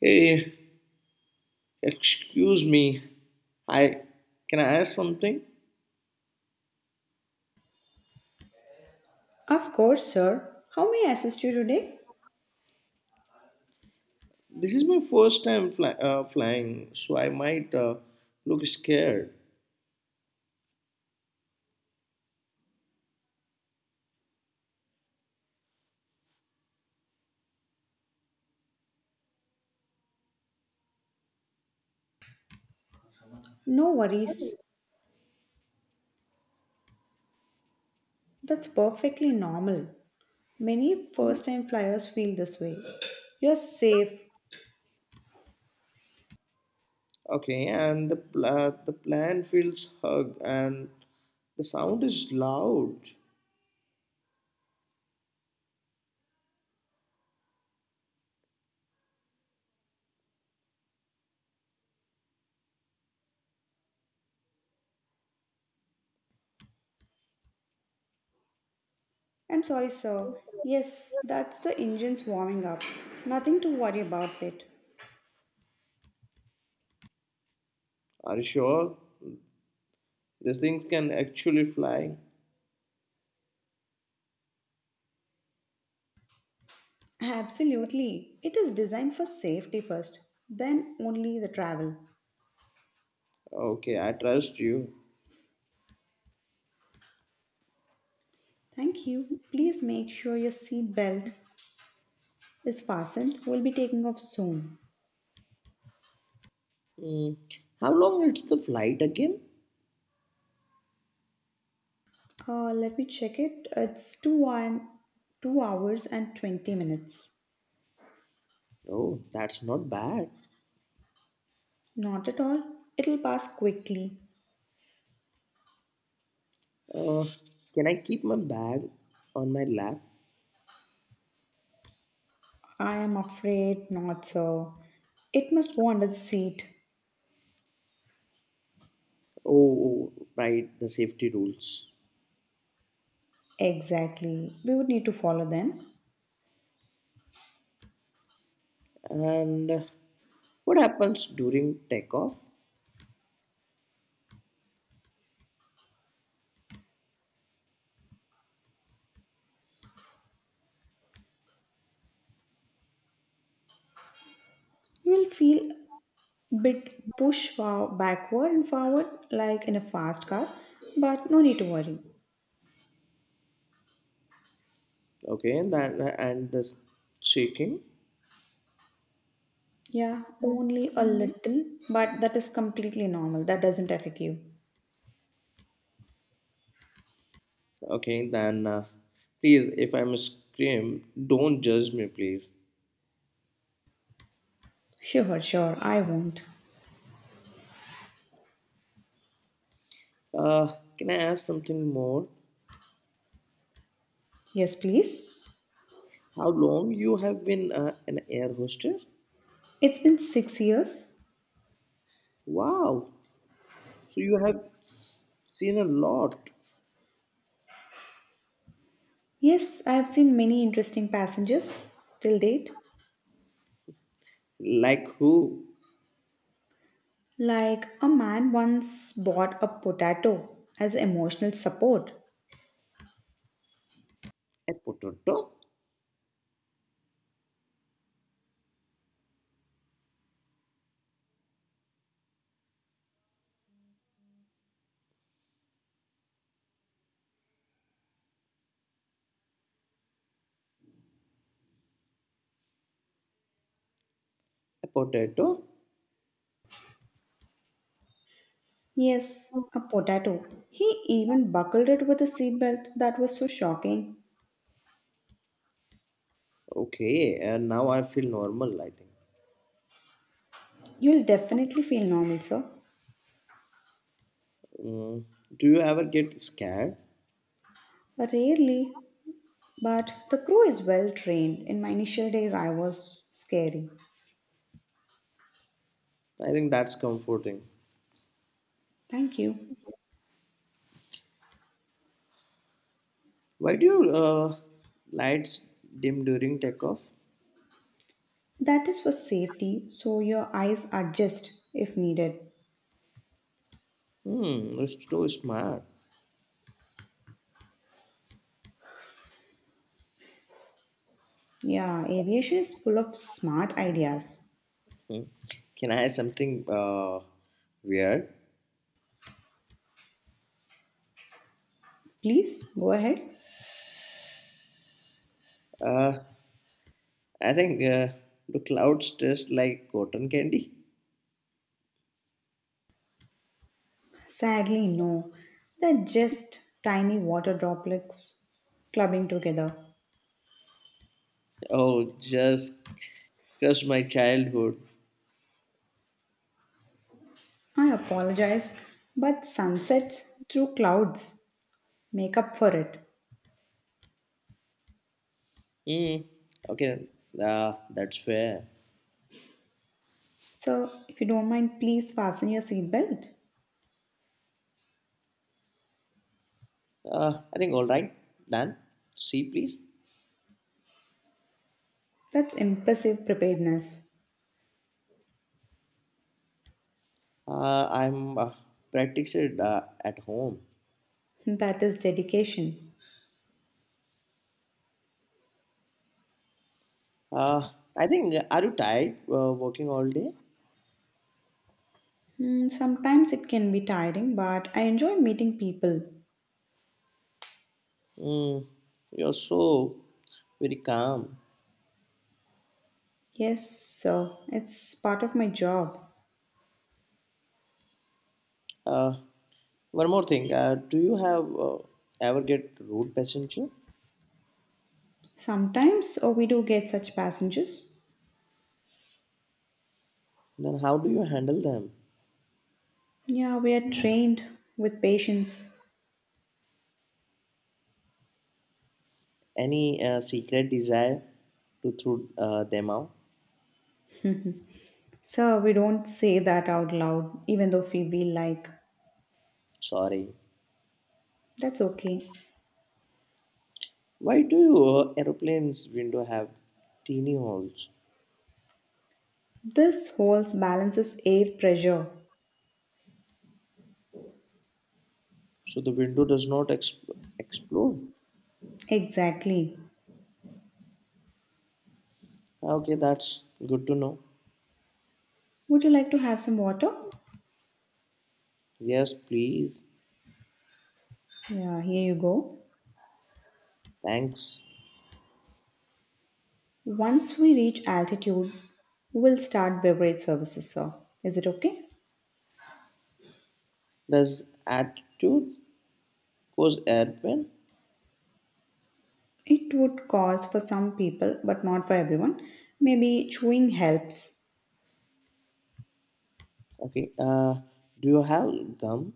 Hey, excuse me. I Can I ask something? Of course, sir. How may I assist you today? This is my first time flying, so I might look scared. No worries. That's perfectly normal. Many first time flyers feel this way. You're safe. Okay, and the the plan feels hug, and the sound is loud. I'm sorry, sir. Yes, that's the engine's warming up. Nothing to worry about it. Are you sure these things can actually fly? Absolutely. It is designed for safety first, then only the travel. Okay, I trust you. Thank you. Please make sure your seat belt is fastened. We'll be taking off soon. Mm, how long is the flight again? Let me check it. It's 2 hours and 20 minutes. Oh, that's not bad. Not at all. It'll pass quickly. Uh, can I keep my bag on my lap? I am afraid not, sir. It must go under the seat. Oh, oh, right, the safety rules. Exactly. We would need to follow them. And what happens during takeoff? You will feel bit push far backward and forward like in a fast car, but no need to worry. Okay, then and the shaking. Yeah, only a little, but that is completely normal. That doesn't affect you. Okay, then please, if I'm a scream, don't judge me, please. Sure, sure. I won't. Can I ask something more? Yes, please. How long you have been an air hostess? It's been 6 years. Wow, so you have seen a lot. Yes, I have seen many interesting passages till date. Like who? Like a man once bought a potato as emotional support. A potato? A potato? Yes, a potato. He even buckled it with a seatbelt. That was so shocking. Okay, and now I feel normal, I think. You'll definitely feel normal, sir. Mm, do you ever get scared? Rarely, but the crew is well trained. In my initial days, I was scary. I think that's comforting. Thank you. Why do your lights dim during takeoff? That is for safety, so your eyes adjust if needed. Hmm, that's too smart. Yeah, aviation is full of smart ideas. Hmm. Can I have something weird? Please go ahead. Uh, I think the clouds taste like cotton candy. Sadly, no. They're just tiny water droplets clubbing together. Oh, just crush my childhood. I apologize, but sunsets through clouds make up for it. Hmm. Okay, that's fair. So, if you don't mind, please fasten your seatbelt. I think all right, done. See, please. That's impressive preparedness. I'm practiced at home. That is dedication. Uh, I think, are you tired working all day? Hmm, sometimes it can be tiring, but I enjoy meeting people. Mm, you're so very calm. Yes, so it's part of my job. Uh, one more thing. Do you have ever get rude passenger? Sometimes or we do get such passengers. Then how do you handle them? Yeah, we are trained with patience. Any secret desire to throw them out? Sir, we don't say that out loud, even though we feel like. Sorry. That's okay. Why do aeroplanes window have teeny holes This holds balances air pressure. so the window does not explode? Exactly. Okay, that's good to know. Would you like to have some water? Yes, please. Yeah, here you go. Thanks. Once we reach altitude, we'll start beverage services, sir. Is it okay? Does attitude cause airplane? It would cause for some people, but not for everyone. Maybe chewing helps. Okay. Do you have gum?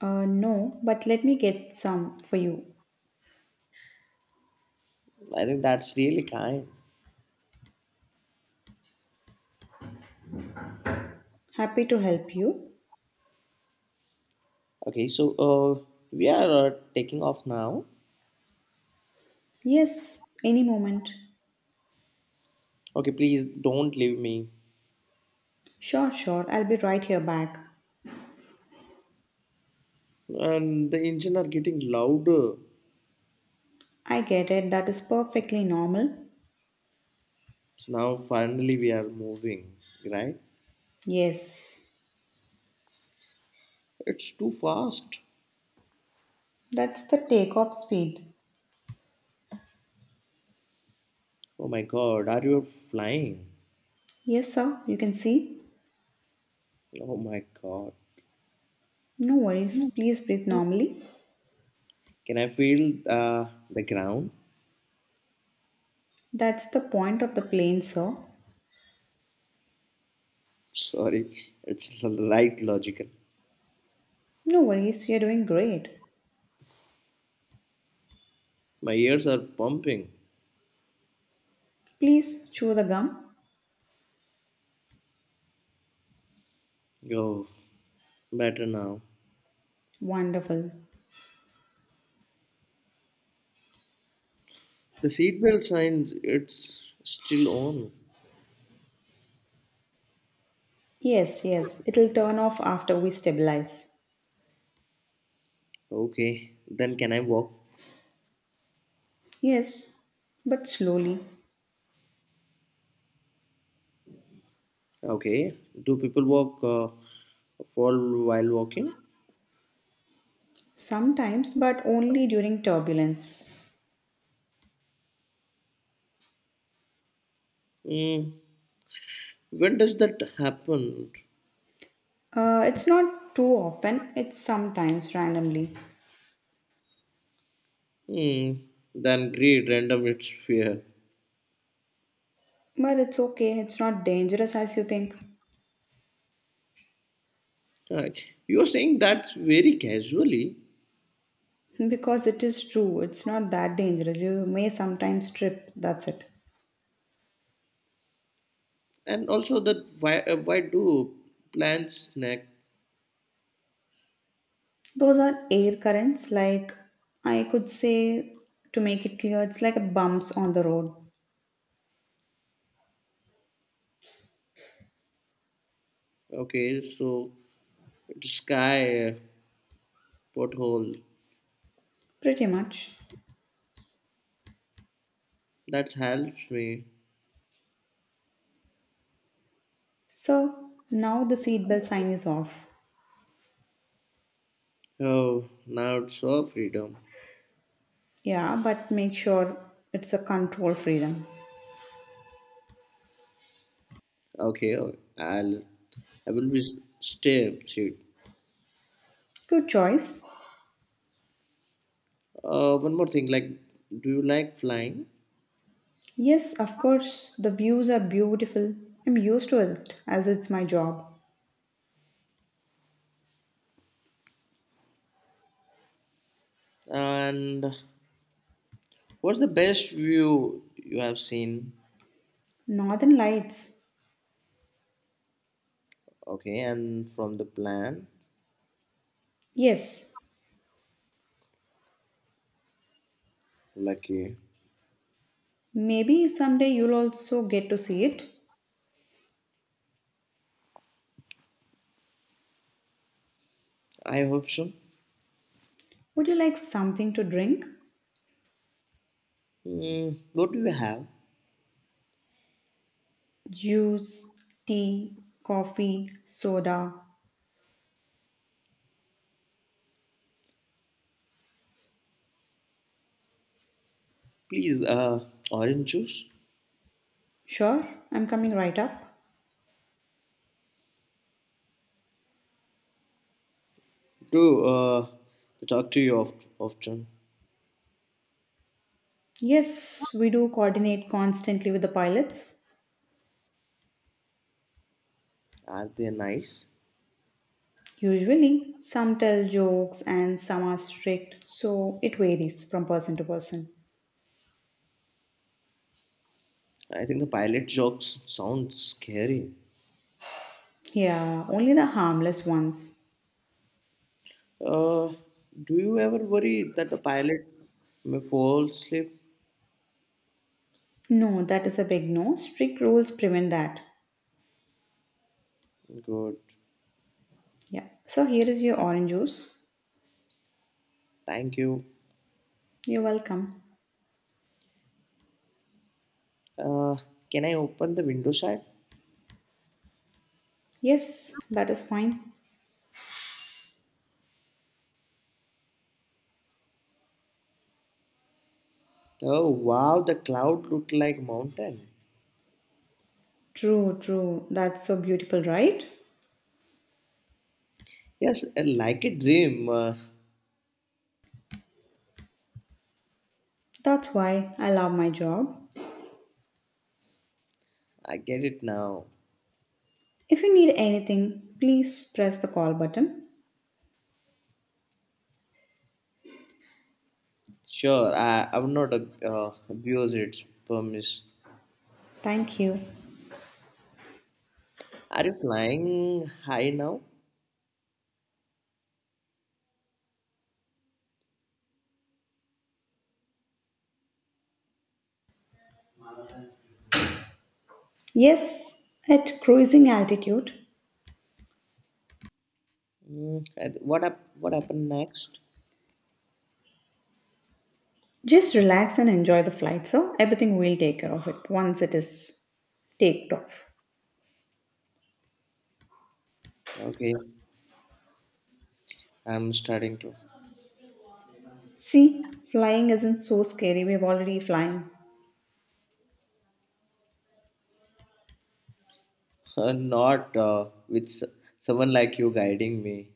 No, but let me get some for you. I think that's really kind. Happy to help you. Okay, so we are taking off now. Yes, any moment. Okay, please don't leave me. Sure, sure, I'll be right here back. And the engine are getting louder. I get it, that is perfectly normal. So now finally we are moving, right? Yes, It's too fast. that's the takeoff speed. Oh my God, are you flying? Yes, sir, you can see. Oh my God. No worries, please breathe normally. Can I feel the ground? That's the point of the plane, sir. Sorry, it's light logical. No worries, you're doing great. My ears are pumping. Please chew the gum. Oh, better now. Wonderful. The seatbelt signs, it's still on. Yes, yes, it'll turn off after we stabilize. Okay, then can I walk? Yes, but slowly. Okay, do people walk fall while walking? Sometimes, but only during turbulence. Mm, when does that happen? It's not too often, it's sometimes randomly. Mm, then great, random, it's fear. But it's okay, it's not dangerous as you think. Right. You're saying that very casually, Because it is true, it's not that dangerous. You may sometimes trip, that's it. and also that why do plants snack? Those are air currents, like I could say, to make it clear, it's like bumps on the road, Okay, so sky, pothole. pretty much. That helps me. So now the seatbelt sign is off. Oh, now it's all freedom. Yeah, but make sure it's a control freedom. Okay, oh, I'll I will be s- stay seat. Good choice. One more thing, like, do you like flying? Yes, of course, the views are beautiful. I'm used to it as it's my job. And what's the best view you have seen? Northern Lights. Okay, and from the plan, Yes, lucky. maybe someday you'll also get to see it. I hope so. Would you like something to drink? Mm, what do you have? Juice, tea, coffee, soda. Please, orange juice. Sure, I'm coming right up. Do to talk to you often. Yes, we do coordinate constantly with the pilots. Are they nice? Usually, some tell jokes and some are strict, so it varies from person to person. I think the pilot jokes sound scary. Yeah, only the harmless ones. Uh, do you ever worry that the pilot may fall asleep? No, that is a big no. Strict rules prevent that. Good. Yeah. So here is your orange juice. Thank you. You're welcome. Uh, can I open the window side? Yes, that is fine. Oh wow, the cloud looked like mountain. True, true. That's so beautiful, right? Yes, like a dream. That's why I love my job. I get it now. If you need anything, please press the call button. Sure, I would not abuse its permise. Thank you. Are you flying high now? Yes, at cruising altitude. What up? What happened next? Just relax and enjoy the flight, so everything will take care of it once it is taked off. Okay, I'm starting to. See, flying isn't so scary. We're already flying. Not with someone like you guiding me.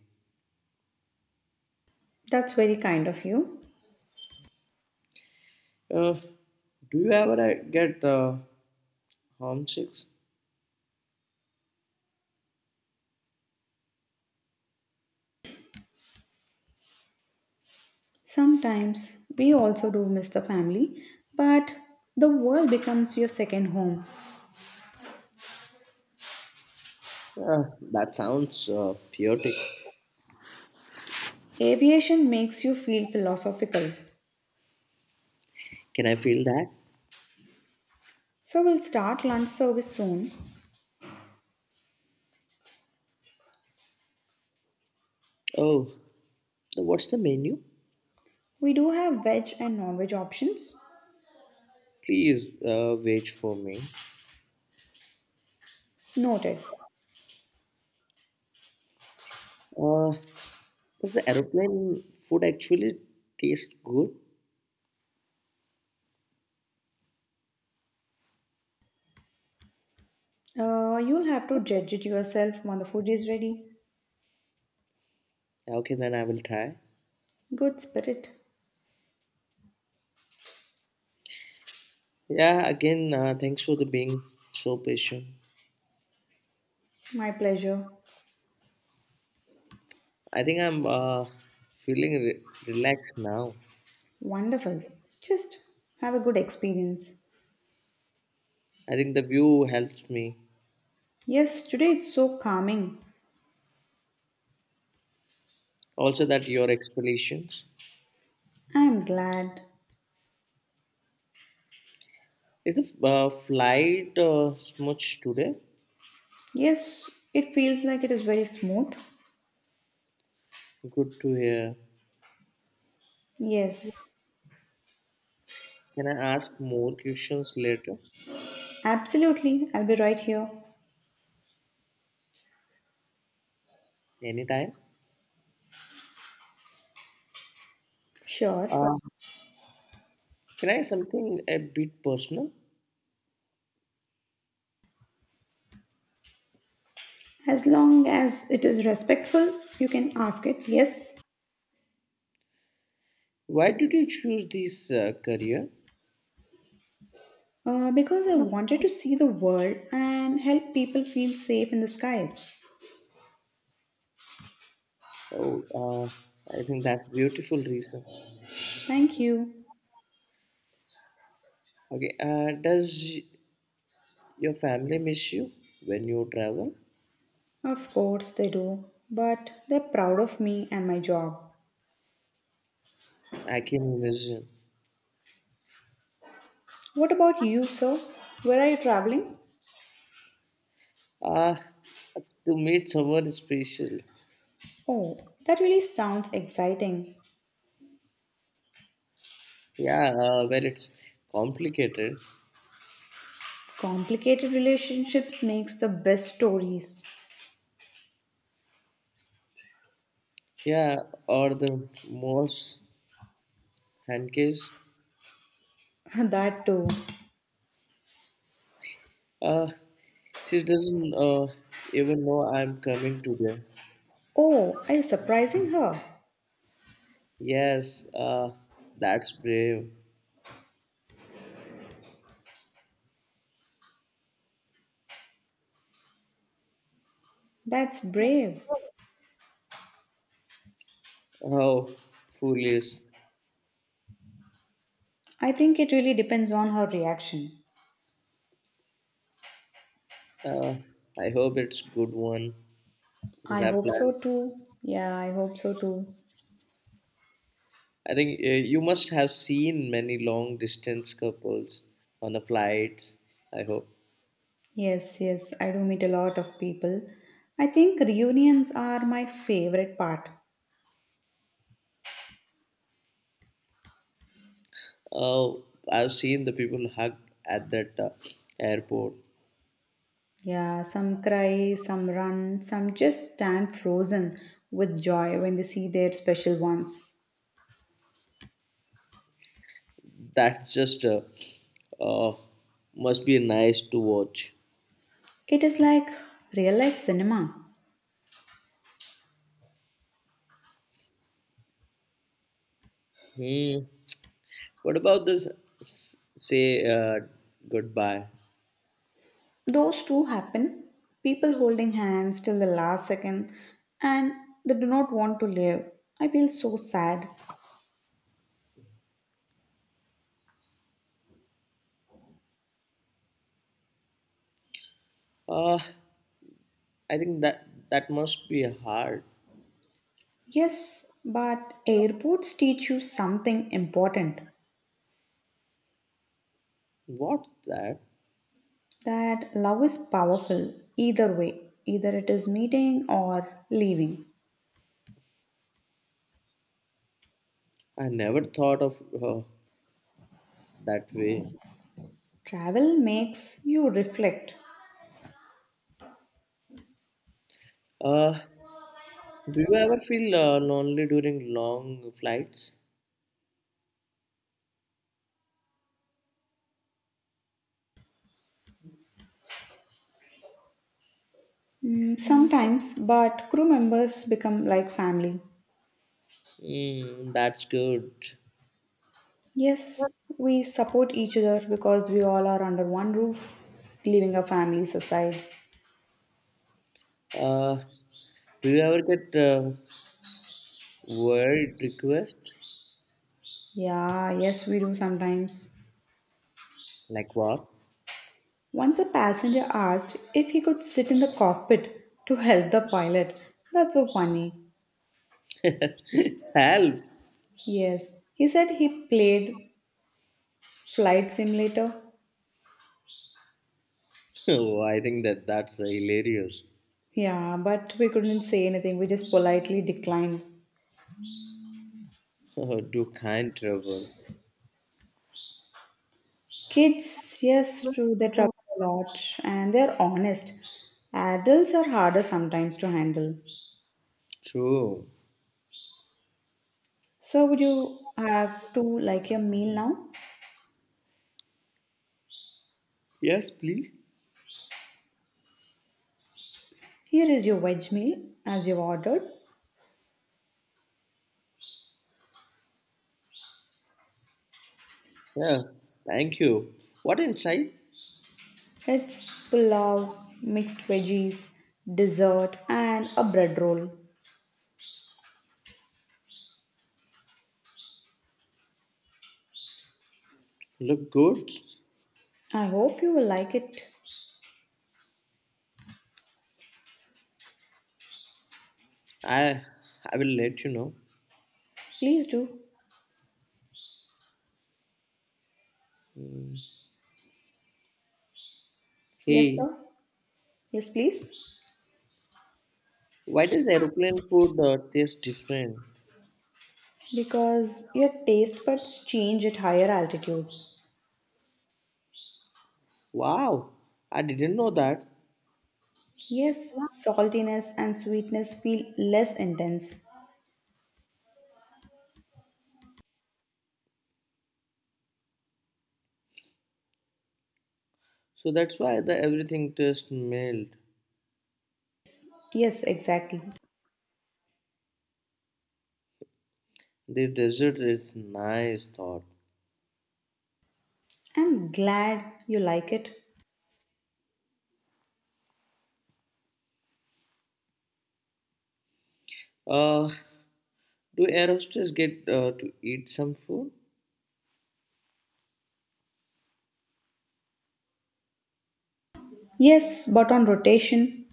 That's very kind of you. Uh, do you ever get homesick? Sometimes we also do miss the family, but the world becomes your second home. Uh, that sounds chaotic. Aviation makes you feel philosophical. Can I feel that? So we'll start lunch service soon. Oh, so what's the menu? We do have veg and non-veg options. Please wait for me. Noted. Uh, does the aeroplane food actually taste good? You'll have to judge it yourself when the food is ready. Okay, then I will try. Good spirit. Yeah, again, thanks for the being so patient. My pleasure. I think I'm feeling relaxed now. Wonderful. Just have a good experience. I think the view helps me. Yes, today it's so calming. Also, that your explanations. I am glad. Is the flight much today? Yes, it feels like it is very smooth. Good to hear. Yes, Can I ask more questions later? absolutely. I'll be right here. Anytime. Sure. Uh, can I something a bit personal? As long as it is respectful, you can ask it. Yes. Why did you choose this career? Because I wanted to see the world and help people feel safe in the skies. Oh, I think that's beautiful reason. Thank you. Okay. Does your family miss you when you travel? Of course they do. But they're proud of me and my job. I can imagine. What about you, sir? Where are you traveling? Ah, to meet someone special. Oh, that really sounds exciting. Yeah, well, it's complicated. Complicated relationships makes the best stories. Yeah, or the most handcase. That too. Uh, she doesn't even know I'm coming today. Oh, are you surprising her? Yes, that's brave. That's brave. Oh, foolish. I think it really depends on her reaction. Uh, I hope it's good one because I I hope plan. so too. Yeah, I hope so too. I think you must have seen many long distance couples on the flights. I hope. Yes, yes, I do meet a lot of people. I think reunions are my favorite part. Oh, I've seen the people hug at that airport. Yeah, some cry, some run, some just stand frozen with joy when they see their special ones. That's just uh, must be nice to watch. It is like real life cinema. Hmm. What about this? Say goodbye. Those two happen people holding hands till the last second and they do not want to leave. I feel so sad. Uh, I think that that must be hard. Yes, but airports teach you something important What's that? that love is powerful either way, either it is meeting or leaving. I never thought of that way. Travel makes you reflect. Uh, do you ever feel lonely during long flights? Mm, sometimes, but crew members become like family. Mm, that's good. Yes, we support each other because we all are under one roof, leaving our families aside. Uh, do you ever get word request? Yeah, yes, we do sometimes. Like what? Once a passenger asked if he could sit in the cockpit to help the pilot. That's so funny. Help! Yes, he said he played Flight Simulator. Oh, I think that that's hilarious. Yeah, but we couldn't say anything. We just politely declined. Do kind travel. Kids, yes, true, they travel a lot and they're honest. Adults are harder sometimes to handle. True. So would you have to like your meal now? Yes, please. Here is your veg meal as you've ordered. Yeah. Thank you. What inside? It's pulao, mixed veggies, dessert, and a bread roll. Look good. I hope you will like it. I I will let you know. Please do. Mm. Yes, Hey, sir. Yes, please. why does aeroplane food taste different? Because your taste buds change at higher altitude. Wow, I didn't know that. Yes, saltiness and sweetness feel less intense. So that's why the everything tastes mild. Yes, exactly. The dessert is nice thought. I'm glad you like it. Uh, do aerosters get to eat some food? Yes, but on rotation.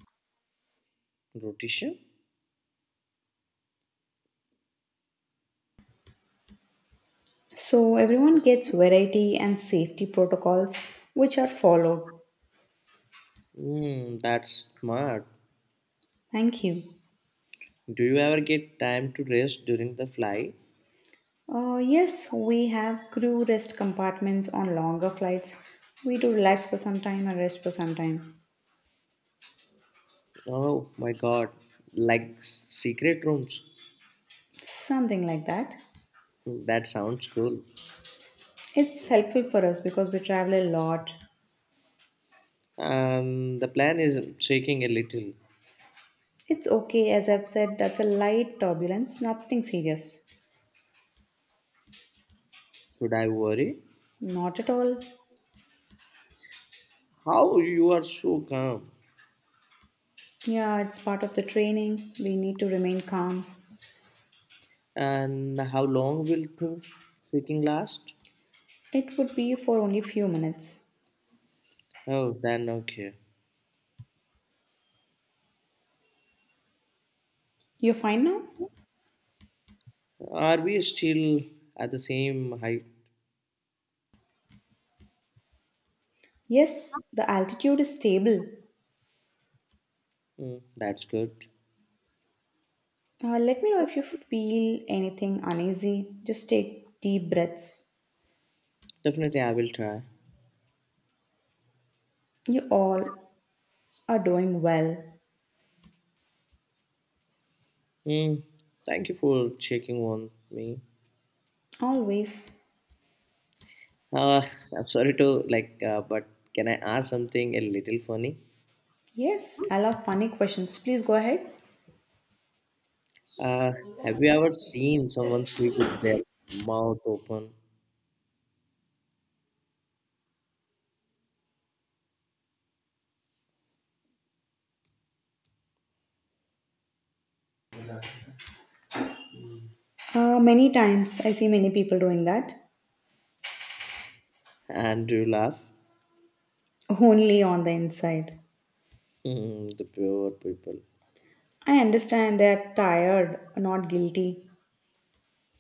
Rotation? So everyone gets variety and safety protocols which are followed. Hmm, that's smart. Thank you. Do you ever get time to rest during the flight? Yes, we have crew rest compartments on longer flights. We do relax for some time and rest for some time. Oh my god, like secret rooms. Something like that. Hmm, that sounds cool. It's helpful for us because we travel a lot. Um, the plan is shaking a little. It's okay, as I've said, that's a light turbulence, nothing serious. Should I worry? Not at all. How you are so calm? Yeah, it's part of the training. We need to remain calm. And how long will things shaking last? It would be for only few minutes. Oh, then okay. You're fine now? Are we still at the same height? Yes, the altitude is stable. Hmm, that's good. Let me know if you feel anything uneasy. Just take deep breaths. Definitely, I will try. You all are doing well. Hmm, thank you for checking on me. Always. Uh, I'm sorry to like, but can I ask something a little funny? Yes, I love funny questions. Please go ahead. Uh, have you ever seen someone sleep with their mouth open Many times I see many people doing that. and do you laugh? Only on the inside. Hmm, the poor people. I understand they're tired, not guilty.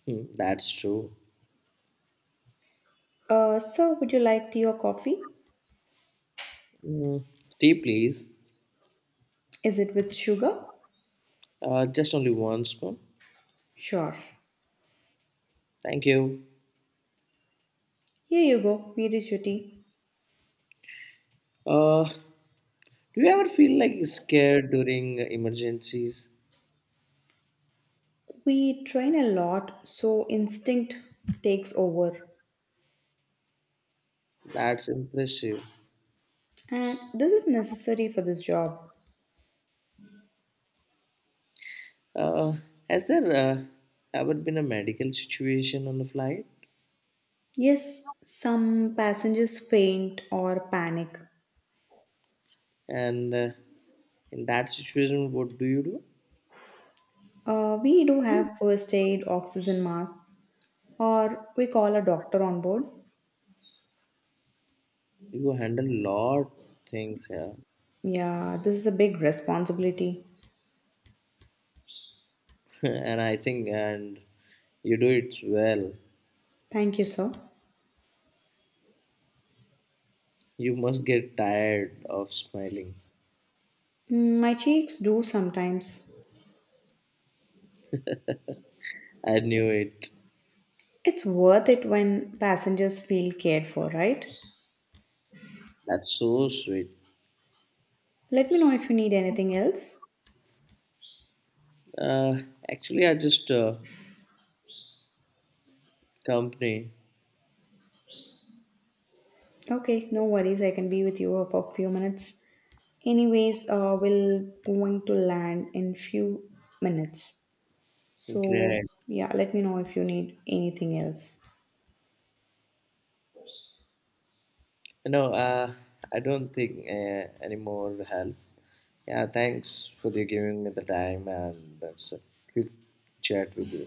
Hmm, that's true. So, would you like tea or coffee? Hmm, tea, please. Is it with sugar? Just only one spoon. Sure. Thank you. Here you go. Here is your tea. Do you ever feel like scared during emergencies? We train a lot, so instinct takes over. That's impressive. And this is necessary for this job. Uh, has there ever been a medical situation on the flight? Yes, some passengers faint or panic. And in that situation what do We do have first aid, oxygen masks, or we call a doctor on board. you handle lot things here, Yeah, this is a big responsibility. and I think and you do it well. Thank you, sir. You must get tired of smiling. Mm, my cheeks do sometimes. I knew it. It's worth it when passengers feel cared for, right? That's so sweet. Let me know if you need anything else. uh Actually I just company. Okay, no worries. I can be with you for a few minutes. Anyways, we'll going to land in few minutes. So Great. yeah, let me know if you need anything else. No, I don't think any more help. Yeah, thanks for the giving me the time and that's a quick chat with you.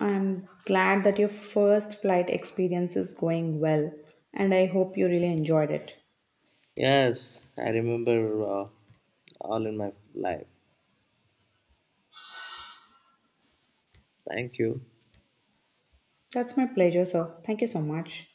I'm glad that your first flight experience is going well, and I hope you really enjoyed it. Yes I remember, uh, all in my life. Thank you. That's my pleasure, sir. Thank you so much.